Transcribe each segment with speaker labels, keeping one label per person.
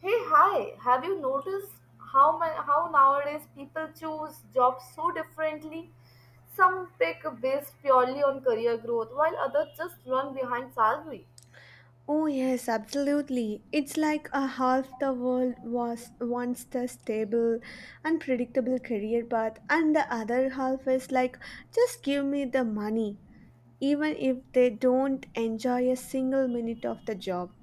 Speaker 1: Hey, hi. Have you noticed how nowadays people choose jobs so differently? Some pick based purely on career growth, while others just run behind salary.
Speaker 2: Oh, yes, absolutely. It's like a half the world was wants the stable and predictable career path, and the other half is like, just give me the money, even if they don't enjoy a single minute of the job.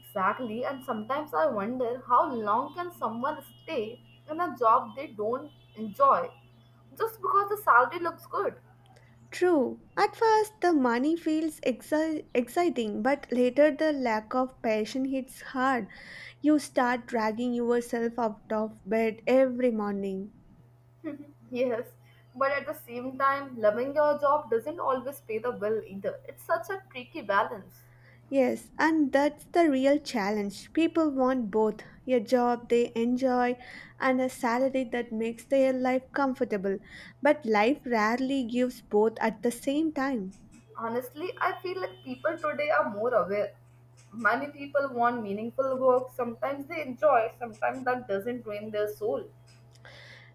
Speaker 1: Exactly, and sometimes I wonder how long can someone stay in a job they don't enjoy just because the salary looks good.
Speaker 2: True, at first the money feels exciting, but later the lack of passion hits hard. You start dragging yourself out of bed every morning.
Speaker 1: Yes, but at the same time, loving your job doesn't always pay the bill either. It's such a tricky balance.
Speaker 2: Yes, and that's the real challenge. People want both a job they enjoy and a salary that makes their life comfortable. But life rarely gives both at the same time.
Speaker 1: Honestly, I feel like people today are more aware. Many people want meaningful work. Sometimes they enjoy, sometimes that doesn't drain their soul.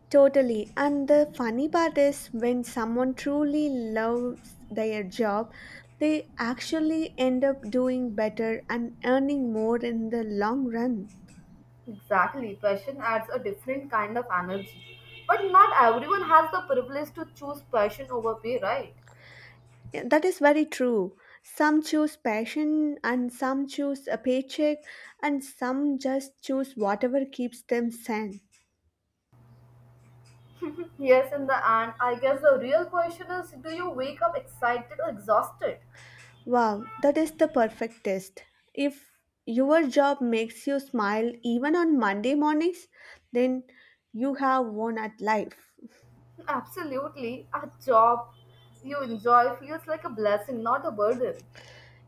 Speaker 2: Totally. And the funny part is when someone truly loves their job, they actually end up doing better and earning more in the long run.
Speaker 1: Exactly, passion adds a different kind of energy. But not everyone has the privilege to choose passion over pay, right?
Speaker 2: Yeah, that is very true. Some choose passion and some choose a paycheck and some just choose whatever keeps them sane.
Speaker 1: Yes, in the end, I guess the real question is, do you wake up excited or exhausted?
Speaker 2: Wow, that is the perfect test. If your job makes you smile even on Monday mornings, then you have won at life.
Speaker 1: Absolutely. A job you enjoy feels like a blessing, not a burden.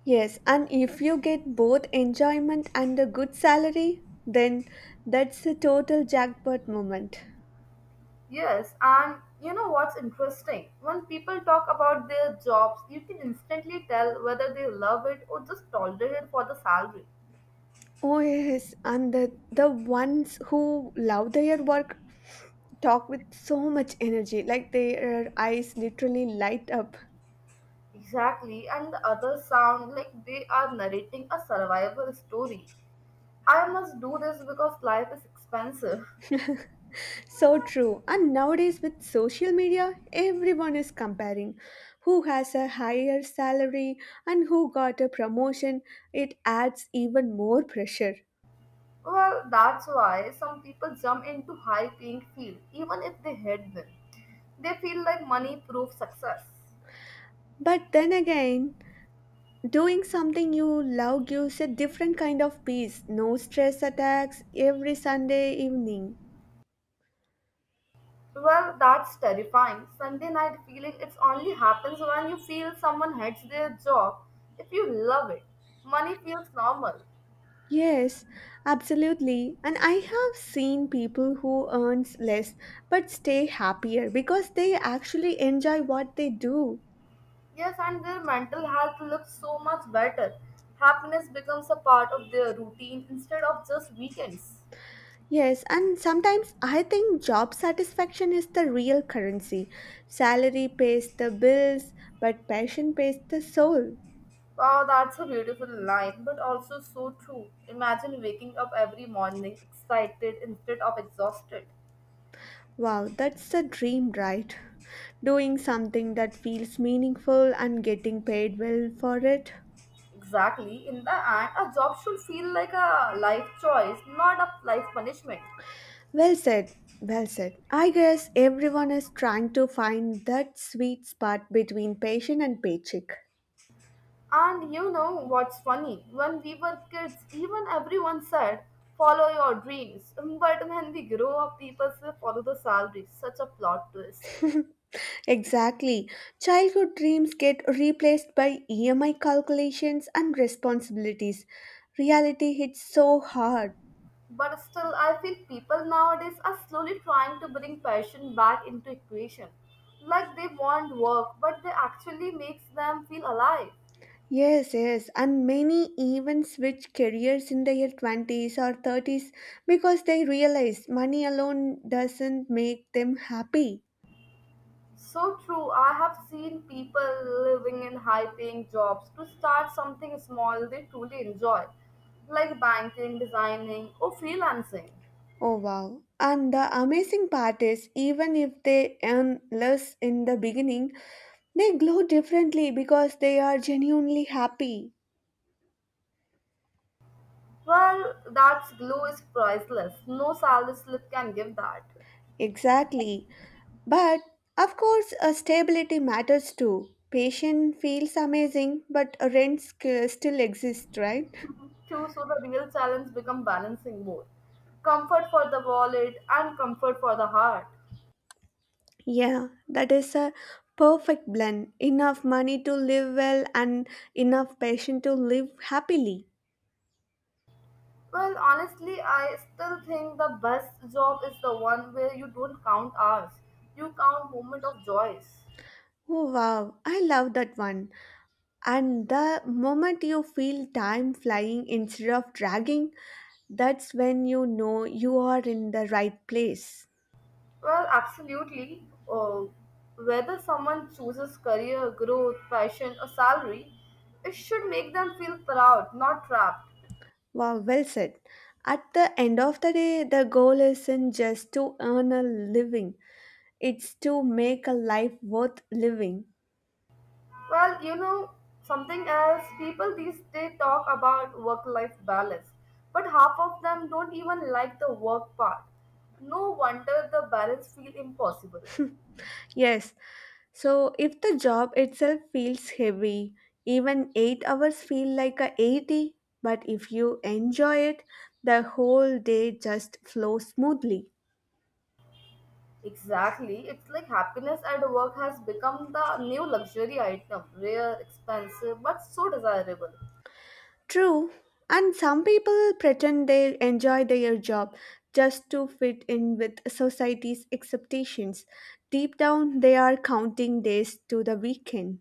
Speaker 2: Yes, and if you get both enjoyment and a good salary, then that's a total jackpot moment.
Speaker 1: Yes, and you know what's interesting? When people talk about their jobs, you can instantly tell whether they love it or just tolerate it for the salary.
Speaker 2: Oh yes, and the ones who love their work talk with so much energy, like their eyes literally light up.
Speaker 1: Exactly, and the others sound like they are narrating a survival story. I must do this because life is expensive.
Speaker 2: So true. And nowadays with social media, everyone is comparing who has a higher salary and who got a promotion. It adds even more pressure.
Speaker 1: Well, that's why some people jump into high paying field even if they hate them. They feel like money proves success.
Speaker 2: But then again, doing something you love gives a different kind of peace. No stress attacks every Sunday evening.
Speaker 1: Well, that's terrifying. Sunday night feeling it only happens when you feel someone hates their job. If you love it, money feels normal.
Speaker 2: Yes, absolutely. And I have seen people who earns less but stay happier because they actually enjoy what they do.
Speaker 1: Yes, and their mental health looks so much better. Happiness becomes a part of their routine instead of just weekends.
Speaker 2: Yes, and sometimes I think job satisfaction is the real currency. Salary pays the bills, but passion pays the soul.
Speaker 1: Wow, that's a beautiful line, but also so true. Imagine waking up every morning excited instead of exhausted.
Speaker 2: Wow, that's the dream, right? Doing something that feels meaningful and getting paid well for it.
Speaker 1: Exactly. In the end, a job should feel like a life choice, not a life punishment.
Speaker 2: Well said, well said. I guess everyone is trying to find that sweet spot between patient and paycheck.
Speaker 1: And you know what's funny? When we were kids, even everyone said, follow your dreams. But when we grow up, people say, follow the salary. Such a plot twist.
Speaker 2: Exactly. Childhood dreams get replaced by EMI calculations and responsibilities. Reality hits so hard.
Speaker 1: But still, I feel people nowadays are slowly trying to bring passion back into equation. Like they want work, but they actually makes them feel alive.
Speaker 2: Yes, yes, and many even switch careers in their 20s or 30s because they realize money alone doesn't make them happy.
Speaker 1: So true. I have seen people living in high paying jobs to start something small they truly enjoy, like banking, designing, or freelancing.
Speaker 2: Oh wow. And the amazing part is, even if they earn less in the beginning, they glow differently because they are genuinely happy.
Speaker 1: Well, that glow is priceless. No salary slip can give that.
Speaker 2: Exactly. But of course, stability matters too. Patient feels amazing, but still exists, right?
Speaker 1: Too. So the real challenge become balancing both. Comfort for the wallet and comfort for the heart.
Speaker 2: Yeah, that is a perfect blend. Enough money to live well and enough patient to live happily.
Speaker 1: Well, honestly, I still think the best job is the one where you don't count hours. You count moment of joys.
Speaker 2: Oh wow, I love that one. And the moment you feel time flying instead of dragging, that's when you know you are in the right place.
Speaker 1: Well, absolutely. Whether someone chooses career, growth, passion, or salary, it should make them feel proud, not trapped.
Speaker 2: Wow, well said. At the end of the day, the goal isn't just to earn a living, it's to make a life worth living.
Speaker 1: Well, you know, something else, people these days talk about work life balance, but half of them don't even like the work part. No wonder the balance feel impossible.
Speaker 2: Yes, so if the job itself feels heavy, even 8 hours feel like a 80, but if you enjoy it, the whole day just flows smoothly.
Speaker 1: Exactly, it's like happiness at work has become the new luxury item, rare, expensive, but so desirable.
Speaker 2: True, and some people pretend they enjoy their job just to fit in with society's expectations. Deep down, they are counting days to the weekend.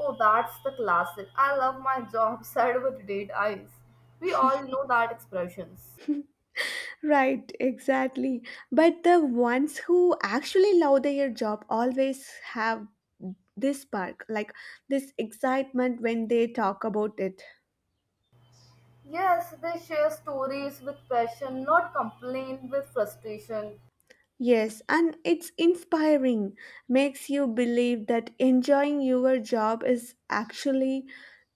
Speaker 1: Oh, that's the classic. I love my job, said with dead eyes. We all know that expressions.
Speaker 2: Right, exactly. But the ones who actually love their job always have this spark, like this excitement when they talk about it.
Speaker 1: Yes, they share stories with passion, not complain with frustration.
Speaker 2: Yes, and it's inspiring, makes you believe that enjoying your job is actually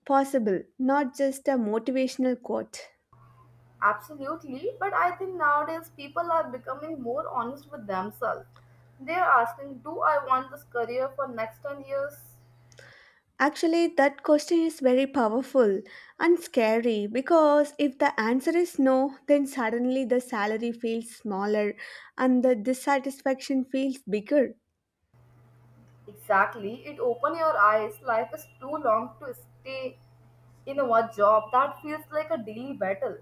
Speaker 2: possible, not just a motivational quote.
Speaker 1: Absolutely, but I think nowadays people are becoming more honest with themselves. They are asking, do I want this career for next 10 years?
Speaker 2: Actually, that question is very powerful and scary because if the answer is no, then suddenly the salary feels smaller and the dissatisfaction feels bigger
Speaker 1: Exactly, it open your eyes. Life is too long to stay in one job. That feels like a daily battle.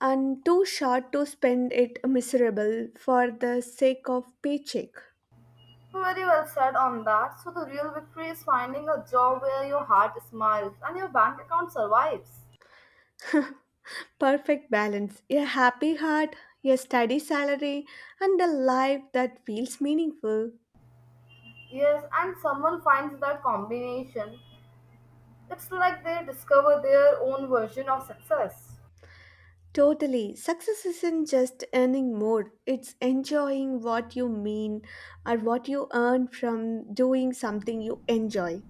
Speaker 2: and too short to spend it miserable for the sake of paycheck.
Speaker 1: Very well said on that. So, the real victory is finding a job where your heart smiles and your bank account survives.
Speaker 2: Perfect balance. A happy heart, a steady salary, and a life that feels meaningful.
Speaker 1: Yes, and someone finds that combination. It's like they discover their own version of success.
Speaker 2: Totally. Success isn't just earning more, it's enjoying what you mean or what you earn from doing something you enjoy.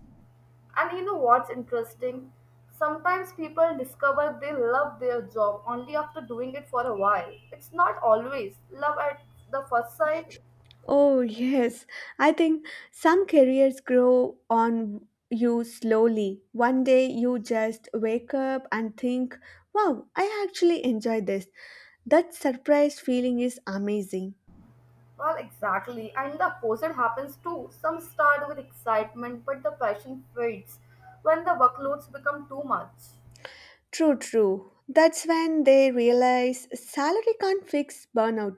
Speaker 1: And you know what's interesting? Sometimes people discover they love their job only after doing it for a while. It's not always love at the first sight.
Speaker 2: Oh, yes. I think some careers grow on you slowly. One day you just wake up and think, wow, I actually enjoy this. That surprise feeling is amazing.
Speaker 1: Well, exactly. And the opposite happens too. Some start with excitement, but the passion fades when the workloads become too much.
Speaker 2: True, true. That's when they realize salary can't fix burnout.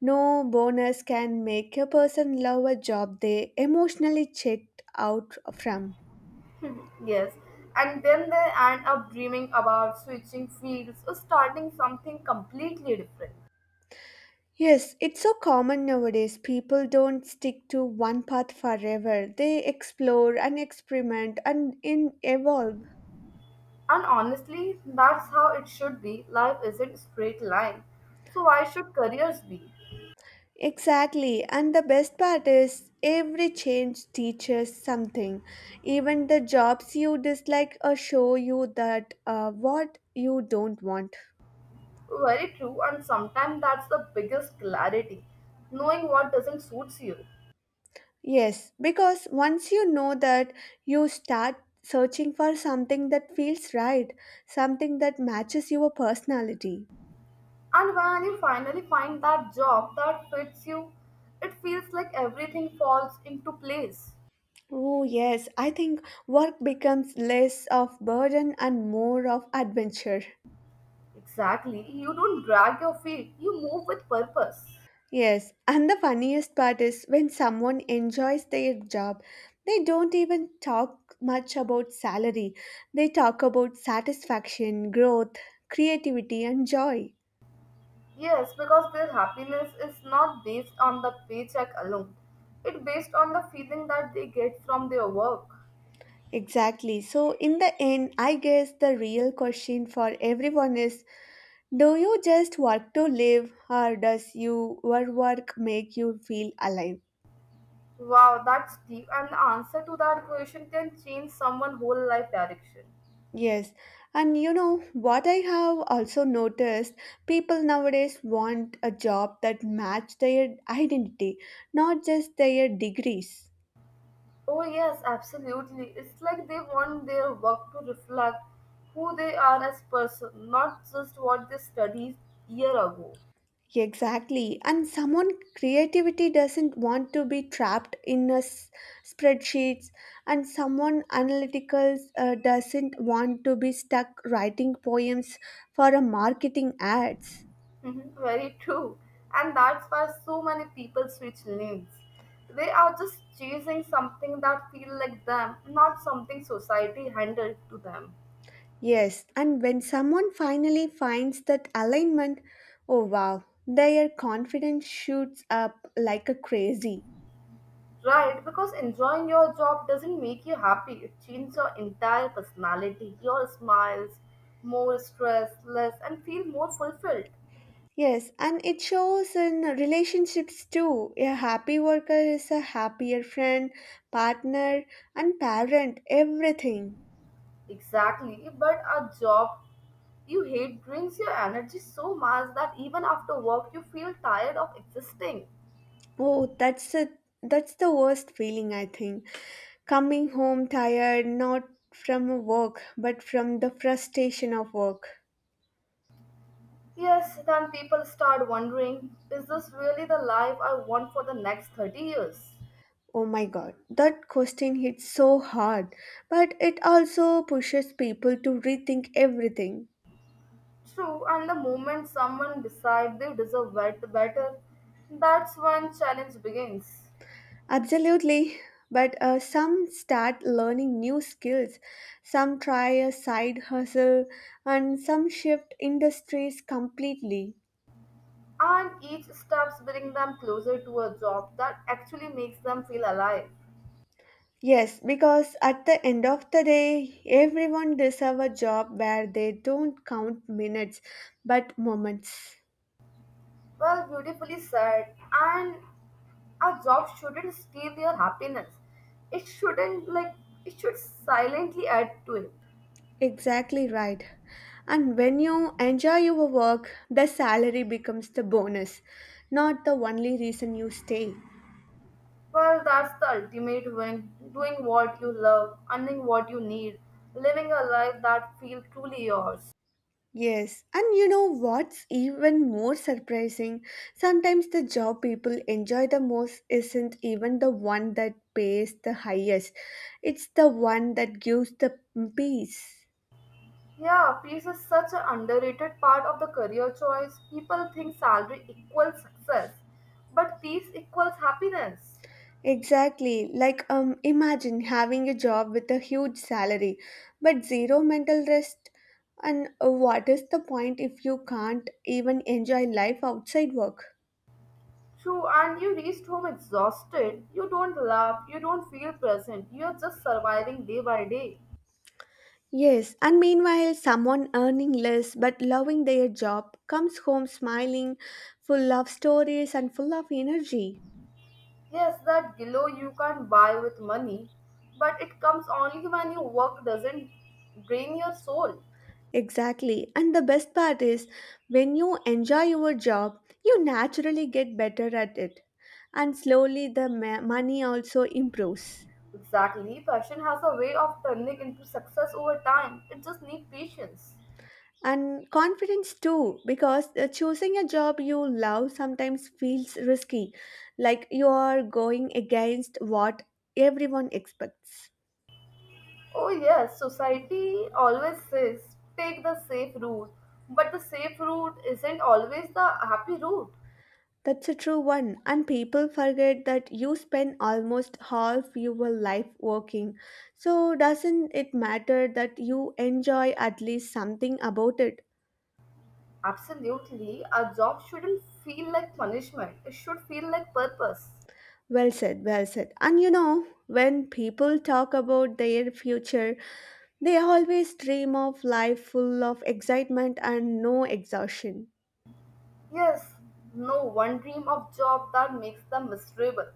Speaker 2: No bonus can make a person love a job they emotionally checked out from.
Speaker 1: Yes. And then they end up dreaming about switching fields or starting something completely different.
Speaker 2: Yes, it's so common nowadays. People don't stick to one path forever. They explore and experiment and in evolve.
Speaker 1: And honestly, that's how it should be. Life isn't a straight line. So why should careers be?
Speaker 2: Exactly, and the best part is every change teaches something. Even the jobs you dislike show you that what you don't want.
Speaker 1: Very true, and sometimes that's the biggest clarity. Knowing what doesn't suit you.
Speaker 2: Yes, because once you know that, you start searching for something that feels right, something that matches your personality.
Speaker 1: And when you finally find that job that fits you, it feels like everything falls into place.
Speaker 2: Oh, yes, I think work becomes less of burden and more of adventure.
Speaker 1: Exactly. You don't drag your feet, you move with purpose.
Speaker 2: Yes, and the funniest part is when someone enjoys their job, they don't even talk much about salary. They talk about satisfaction, growth, creativity, and joy.
Speaker 1: Yes, because their happiness is not based on the paycheck alone. It's based on the feeling that they get from their work.
Speaker 2: Exactly. So, in the end, I guess the real question for everyone is, do you just work to live, or does your work make you feel alive?
Speaker 1: Wow, that's deep. And the answer to that question can change someone's whole life direction.
Speaker 2: Yes, and you know what I have also noticed, people nowadays want a job that match their identity, not just their degrees.
Speaker 1: Oh, yes, absolutely. It's like they want their work to reflect who they are as person, not just what they studied year ago.
Speaker 2: Exactly, and someone creativity doesn't want to be trapped in spreadsheets, and someone analytical doesn't want to be stuck writing poems for a marketing ads.
Speaker 1: Mhm. Very true. And that's why so many people switch lanes. They are just chasing something that feel like them, not something society handed to them.
Speaker 2: Yes, and when someone finally finds that alignment, oh wow, their confidence shoots up like a crazy.
Speaker 1: Right, because enjoying your job doesn't make you happy. It changes your entire personality, your smiles, more stress, less, and feel more fulfilled.
Speaker 2: Yes, and it shows in relationships too. A happy worker is a happier friend, partner, and parent, everything.
Speaker 1: Exactly, but a job you hate drains your energy so much that even after work you feel tired of existing.
Speaker 2: Oh, that's a that's the worst feeling I think. Coming home tired not from work, but from the frustration of work.
Speaker 1: Yes, then people start wondering, is this really the life I want for the next 30 years?
Speaker 2: Oh my god, that question hits so hard, but it also pushes people to rethink everything.
Speaker 1: True, and the moment someone decides they deserve better, that's when challenge begins.
Speaker 2: Absolutely. But some start learning new skills, some try a side hustle, and some shift industries completely.
Speaker 1: And each steps bring them closer to a job that actually makes them feel alive.
Speaker 2: Yes, because at the end of the day, everyone deserves a job where they don't count minutes but moments.
Speaker 1: Well, beautifully said. And a job shouldn't steal your happiness. It shouldn't like it should silently add to it.
Speaker 2: Exactly right. And when you enjoy your work, the salary becomes the bonus, not the only reason you stay.
Speaker 1: Well, that's the ultimate win. Doing what you love, earning what you need, living a life that feels truly yours.
Speaker 2: Yes, and you know what's even more surprising? Sometimes the job people enjoy the most isn't even the one that pays the highest, it's the one that gives the peace.
Speaker 1: Yeah, peace is such an underrated part of the career choice. People think salary equals success, but peace equals happiness.
Speaker 2: Exactly. Imagine having a job with a huge salary, but zero mental rest. And what is the point if you can't even enjoy life outside work?
Speaker 1: True, and you reached home exhausted. You don't laugh, you don't feel present, you're just surviving day by day.
Speaker 2: Yes, and meanwhile, someone earning less but loving their job comes home smiling, full of stories and full of energy.
Speaker 1: Yes, that glow you can't buy with money, but it comes only when your work doesn't drain your soul.
Speaker 2: Exactly. And the best part is when you enjoy your job, you naturally get better at it. And slowly the money also improves.
Speaker 1: Exactly, passion has a way of turning into success over time, it just needs patience.
Speaker 2: And confidence too, because choosing a job you love sometimes feels risky, like you are going against what everyone expects.
Speaker 1: Oh, yes, society always says take the safe route, but the safe route isn't always the happy route.
Speaker 2: That's a true one, and people forget that you spend almost half your life working. So, doesn't it matter that you enjoy at least something about it?
Speaker 1: Absolutely. Our job shouldn't feel like punishment. It should feel like purpose.
Speaker 2: Well said, well said. And you know, when people talk about their future, they always dream of life full of excitement and no exhaustion.
Speaker 1: Yes, no one dream of job that makes them miserable.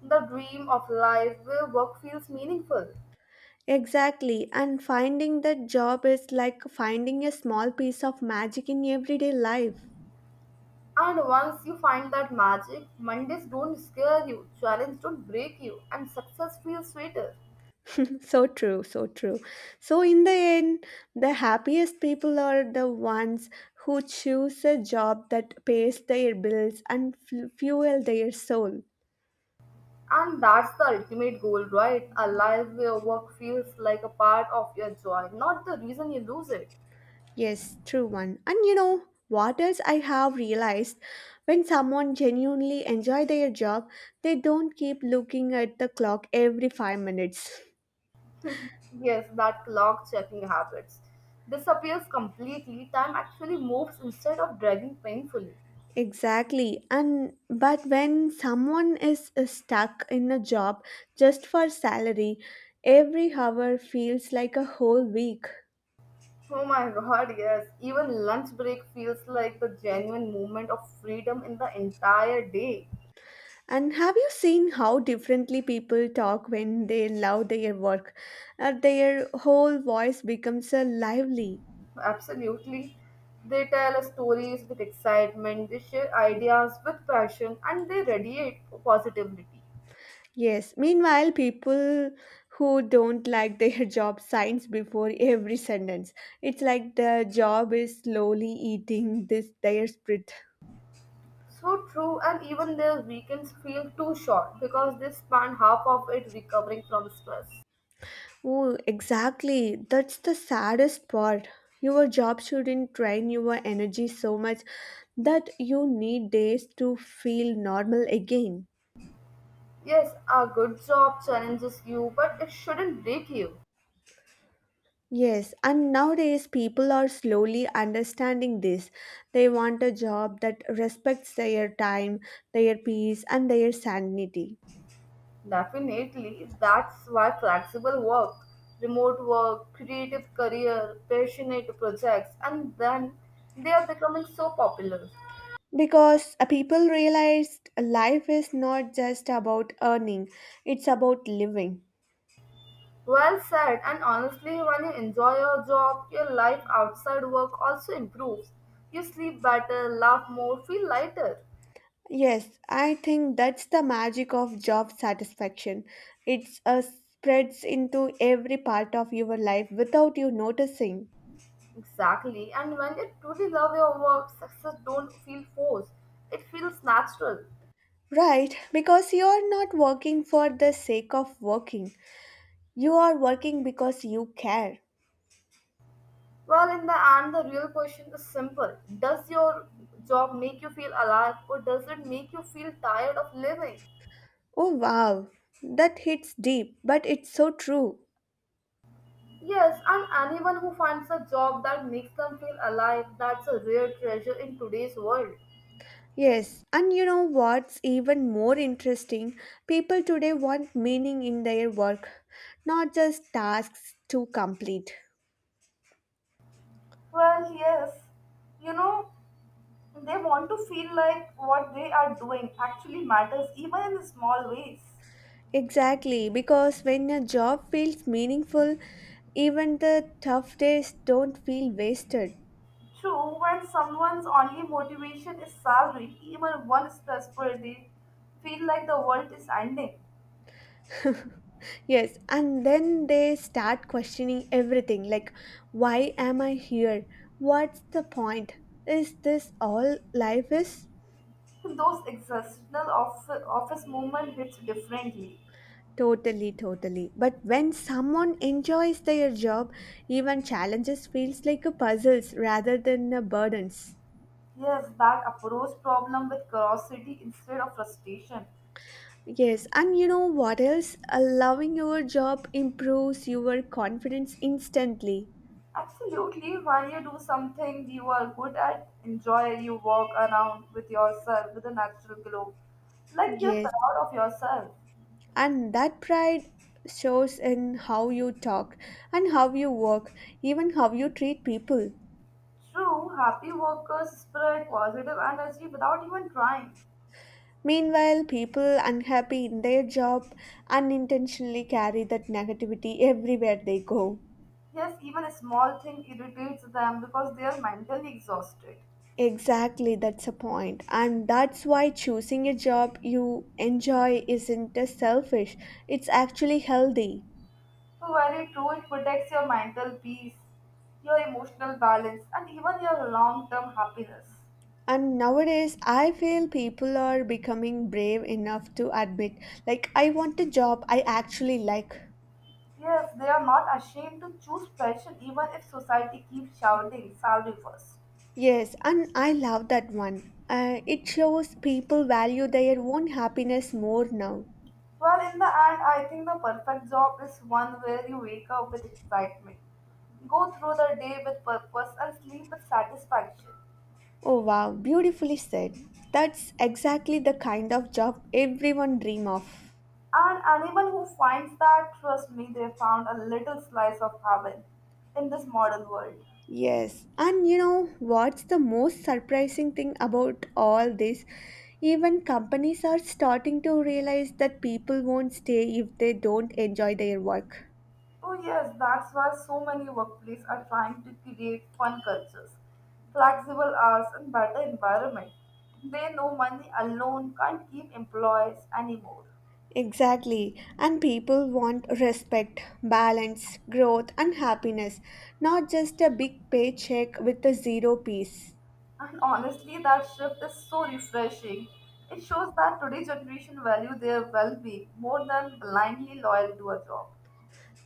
Speaker 1: The dream of life where work feels meaningful.
Speaker 2: Exactly, and finding that job is like finding a small piece of magic in everyday life.
Speaker 1: And once you find that magic, Mondays don't scare you, challenges don't break you, and success feels sweeter.
Speaker 2: So true, so true. So in the end, the happiest people are the ones who choose a job that pays their bills and fuel their soul.
Speaker 1: And that's the ultimate goal, right? A life where work feels like a part of your joy, not the reason you lose it.
Speaker 2: Yes, true one. And you know what else I have realized, when someone genuinely enjoy their job, they don't keep looking at the clock every 5 minutes.
Speaker 1: Yes, that clock checking habits disappears completely. Time actually moves instead of dragging painfully.
Speaker 2: Exactly. And but when someone is stuck in a job just for salary, every hour feels like a whole week.
Speaker 1: Oh my god, yes. Even lunch break feels like the genuine moment of freedom in the entire day.
Speaker 2: And have you seen how differently people talk when they love their work? Their whole voice becomes a lively.
Speaker 1: Absolutely. They tell us stories with excitement, they share ideas with passion, and they radiate positivity.
Speaker 2: Yes. Meanwhile, people who don't like their job signs before every sentence. It's like the job is slowly eating this their spirit.
Speaker 1: So true, and even their weekends feel too short because they spend half of it recovering from stress.
Speaker 2: Oh, exactly. That's the saddest part. Your job shouldn't drain your energy so much that you need days to feel normal again.
Speaker 1: Yes, a good job challenges you, but it shouldn't break you.
Speaker 2: Yes, and nowadays people are slowly understanding this. They want a job that respects their time, their peace, and their sanity.
Speaker 1: Definitely, that's why flexible work, remote work, creative career, passionate projects, and then they are becoming so popular.
Speaker 2: Because people realized life is not just about earning, it's about living.
Speaker 1: Well said, and honestly, when you enjoy your job, your life outside work also improves. You sleep better, laugh more, feel lighter.
Speaker 2: Yes, I think that's the magic of job satisfaction. It's spreads into every part of your life without you noticing.
Speaker 1: Exactly, and when you truly love your work, success don't feel forced. It feels natural.
Speaker 2: Right, because you are not working for the sake of working. You are working because you care.
Speaker 1: Well, in the end, the real question is simple. Does your job make you feel alive or does it make you feel tired of living?
Speaker 2: Oh wow, that hits deep, but it's so true.
Speaker 1: Yes, and anyone who finds a job that makes them feel alive, that's a rare treasure in today's world.
Speaker 2: Yes, and you know what's even more interesting? People today want meaning in their work, not just tasks to complete.
Speaker 1: Well, yes. You know, they want to feel like what they are doing actually matters, even in small ways.
Speaker 2: Exactly, because when a job feels meaningful, even the tough days don't feel wasted.
Speaker 1: True, when someone's only motivation is salary, even one stressful day, feel like the world is ending.
Speaker 2: Yes, and then they start questioning everything like, why am I here? What's the point? Is this all life is?
Speaker 1: Those exceptional office movement hits differently.
Speaker 2: Totally, totally. But when someone enjoys their job, even challenges feels like a puzzles rather than a burdens.
Speaker 1: Yes, that approach problem with curiosity instead of frustration.
Speaker 2: Yes, and you know what else? Loving your job improves your confidence instantly.
Speaker 1: Absolutely, when you do something you are good at, enjoy, you walk around with yourself with a natural glow, like you're
Speaker 2: Yes,
Speaker 1: proud of yourself.
Speaker 2: and that pride shows in how you talk and how you work, even how you treat people.
Speaker 1: True, happy workers spread positive energy without even trying.
Speaker 2: Meanwhile, people unhappy in their job unintentionally carry that negativity everywhere they go.
Speaker 1: Yes, even a small thing irritates them because they are mentally exhausted.
Speaker 2: Exactly, that's a point. And that's why choosing a job you enjoy isn't a selfish, it's actually healthy.
Speaker 1: Very true, it protects your mental peace, your emotional balance, and even your long term happiness.
Speaker 2: And nowadays, I feel people are becoming brave enough to admit, like, I want a job I actually like.
Speaker 1: Yes, they are not ashamed to choose passion even if society keeps shouting salary first.
Speaker 2: Yes, and I love that one. It shows people value their own happiness more now.
Speaker 1: Well, in the end, I think the perfect job is one where you wake up with excitement, go through the day with purpose, and sleep with satisfaction.
Speaker 2: Oh wow, beautifully said. That's exactly the kind of job everyone dream of.
Speaker 1: I personally found a little slice of heaven in this modern world.
Speaker 2: Yes, and you know what's the most surprising thing about all this? Even companies are starting to realize that people won't stay if they don't enjoy their work.
Speaker 1: Oh yes, that's why so many workplaces are trying to create fun cultures, flexible hours and better environment. They know money alone can't keep employees anymore.
Speaker 2: Exactly, and people want respect, balance, growth, and happiness, not just a big paycheck with a zero piece.
Speaker 1: And honestly, that shift is so refreshing. It shows that today's generation value their well-being more than blindly loyal to a job.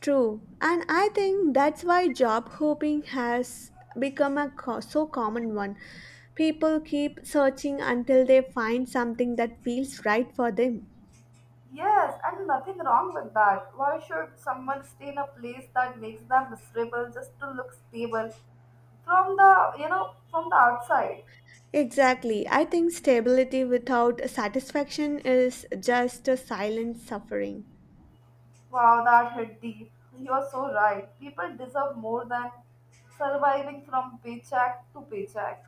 Speaker 2: True, and I think that's why job hopping has become so common one. People keep searching until they find something that feels right for them.
Speaker 1: Yes, and nothing wrong with that. Why should someone stay in a place that makes them miserable just to look stable from the from the outside?
Speaker 2: Exactly. I think stability without satisfaction is just a silent suffering.
Speaker 1: Wow, that hit deep. You're so right. People deserve more than surviving from paycheck to paycheck.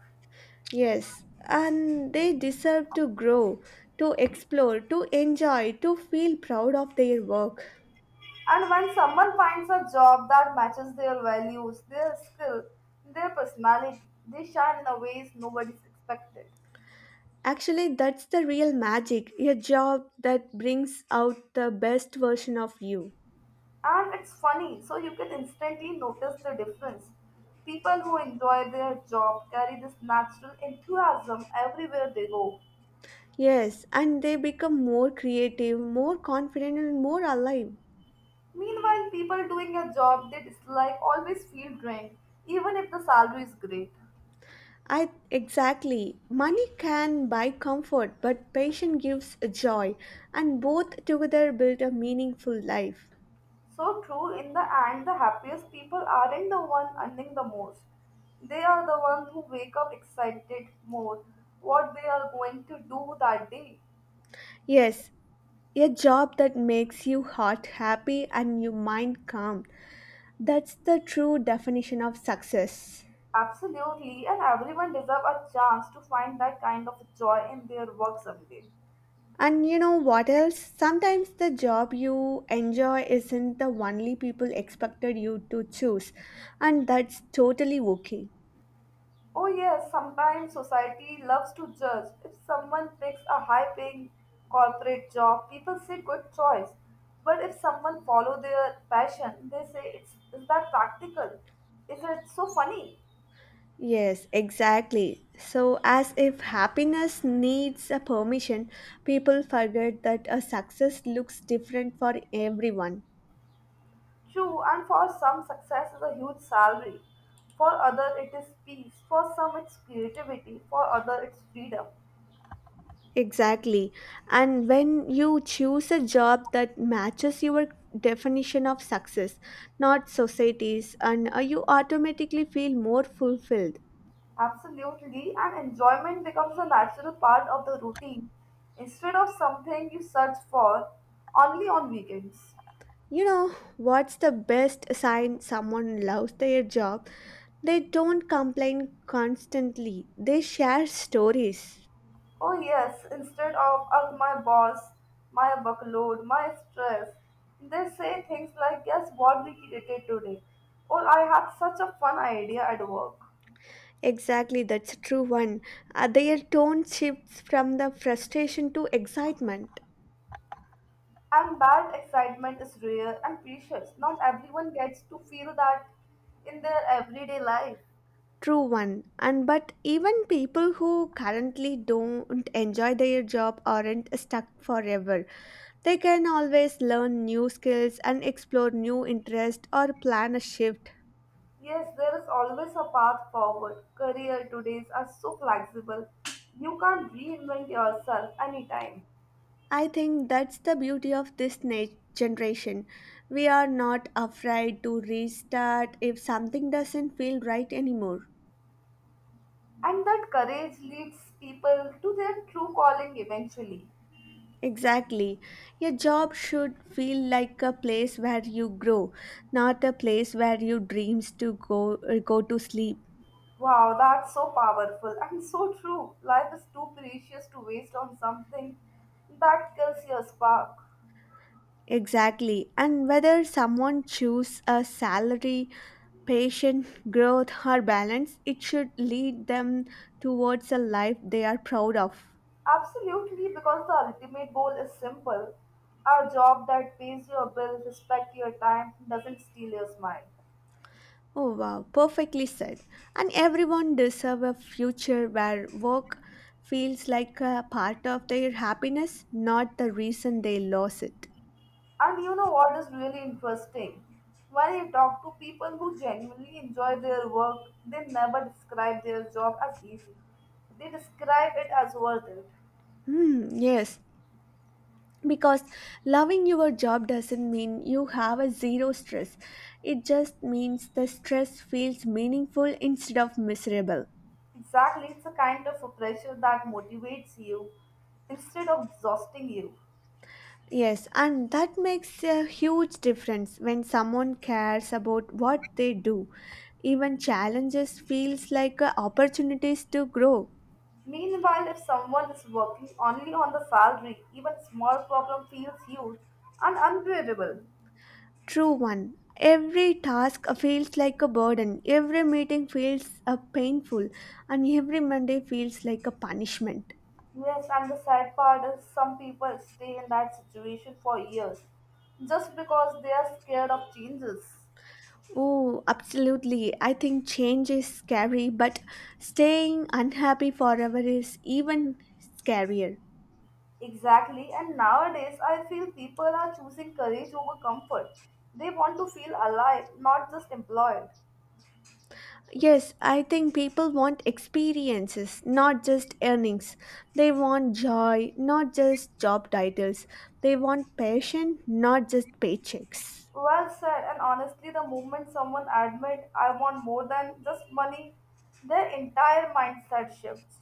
Speaker 2: Yes, and they deserve to grow, to explore, to enjoy, to feel proud of their work.
Speaker 1: And when someone finds a job that matches their values, their skill, their personality, they shine in a ways nobody's expected.
Speaker 2: Actually, that's the real magic a job that brings out the best version of you.
Speaker 1: And it's funny, so you can instantly notice the difference. People who enjoy their job carry this natural enthusiasm everywhere they go.
Speaker 2: Yes, and they become more creative, more confident, and more alive.
Speaker 1: Meanwhile, people doing a job they dislike always feel drained, even if the salary is great.
Speaker 2: I exactly. Money can buy comfort, but passion gives joy, and both together build a meaningful life.
Speaker 1: So true, in the end, the happiest people aren't the one earning the most. They are the ones who wake up excited more what they are going to do that day.
Speaker 2: Yes, a job that makes you heart happy and your mind calm. That's the true definition of success.
Speaker 1: Absolutely, and everyone deserves a chance to find that kind of joy in their work someday.
Speaker 2: And you know what else? Sometimes the job you enjoy isn't the only people expected you to choose, and that's totally okay.
Speaker 1: Oh, yes, sometimes society loves to judge. If someone picks a high paying corporate job, people say good choice. But if someone follow their passion, they say it's is that practical? Is it so funny?
Speaker 2: Yes, exactly. So, as if happiness needs a permission, people forget that a success looks different for everyone.
Speaker 1: True, and for some success is a huge salary. For other it is peace. For some it's creativity. For other it's freedom.
Speaker 2: Exactly. And when you choose a job that matches your definition of success, not society's, and you automatically feel more fulfilled.
Speaker 1: Absolutely, and enjoyment becomes a natural part of the routine instead of something you search for only on weekends.
Speaker 2: You know, what's the best sign someone loves their job? They don't complain constantly, they share stories.
Speaker 1: Oh, yes, instead of "Ugh, my boss, my workload, my stress," they say things like, guess what we created today? Or I had such a fun idea at work.
Speaker 2: Exactly, that's a true one. Their tone shifts from the frustration to excitement.
Speaker 1: And that excitement is rare and precious. Not everyone gets to feel that in their everyday life.
Speaker 2: True one. And but even people who currently don't enjoy their job aren't stuck forever. They can always learn new skills and explore new interests or plan a shift.
Speaker 1: Yes, there is always a path forward. Career todays are so flexible. You can reinvent yourself anytime.
Speaker 2: I think that's the beauty of generation. We are not afraid to restart if something doesn't feel right anymore.
Speaker 1: And that courage leads people to their true calling eventually.
Speaker 2: Exactly. Your job should feel like a place where you grow, not a place where your dreams to go go to sleep.
Speaker 1: Wow, that's so powerful and so true. Life is too precious to waste on something that kills your spark.
Speaker 2: Exactly. And whether someone choose a salary, patient, growth or balance, it should lead them towards a life they are proud of.
Speaker 1: Absolutely, because the ultimate goal is simple. A job that pays your bill, respect your time, doesn't steal your smile.
Speaker 2: Oh wow, perfectly said. And everyone deserve a future where work feels like a part of their happiness, not the reason they lost it.
Speaker 1: And you know what is really interesting? When you talk to people who genuinely enjoy their work, they never describe their job as easy. They describe it as worth it.
Speaker 2: Hmm, yes. Because loving your job doesn't mean you have a zero stress. It just means the stress feels meaningful instead of miserable.
Speaker 1: Exactly, it's a kind of a pressure that motivates you instead of exhausting you.
Speaker 2: Yes, and that makes a huge difference when someone cares about what they do. Even challenges feels like a opportunities to grow.
Speaker 1: Meanwhile, if someone is working only on the salary, even small problem feels huge and unbearable.
Speaker 2: True one. Every task feels like a burden. Every meeting feels a painful, and every Monday feels like a punishment.
Speaker 1: Yes, and the sad part is some people stay in that situation for years just because they are scared of changes.
Speaker 2: Oh, absolutely. I think change is scary, but staying unhappy forever is even scarier.
Speaker 1: Exactly, and nowadays I feel people are choosing courage over comfort. They want to feel alive, not just employed.
Speaker 2: Yes, I think people want experiences, not just earnings. They want joy, not just job titles. They want passion, not just paychecks.
Speaker 1: Well said, and honestly, the moment someone admit I want more than just money, their entire mindset shifts.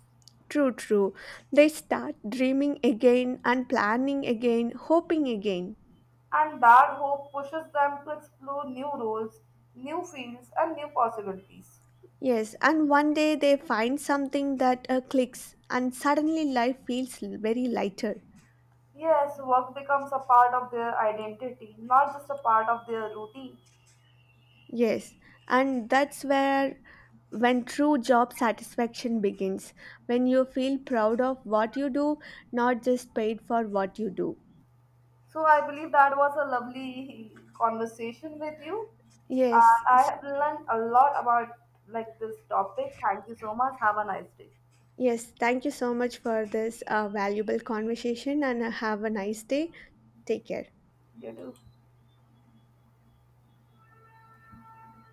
Speaker 2: True, true. They start dreaming again and planning again, hoping again.
Speaker 1: And that hope pushes them to explore new roles, new fields, and new possibilities.
Speaker 2: Yes, and one day they find something that clicks, and suddenly life feels very lighter.
Speaker 1: Yes, work becomes a part of their identity, not just a part of their routine.
Speaker 2: Yes, and that's where when true job satisfaction begins, when you feel proud of what you do, not just paid for what you do.
Speaker 1: So I believe that was a lovely conversation with you.
Speaker 2: Yes,
Speaker 1: And I have learned a lot about like this topic. Thank you so much. Have a nice day.
Speaker 2: yes, thank you so much for this valuable conversation and have a nice day. Take care.
Speaker 1: You too.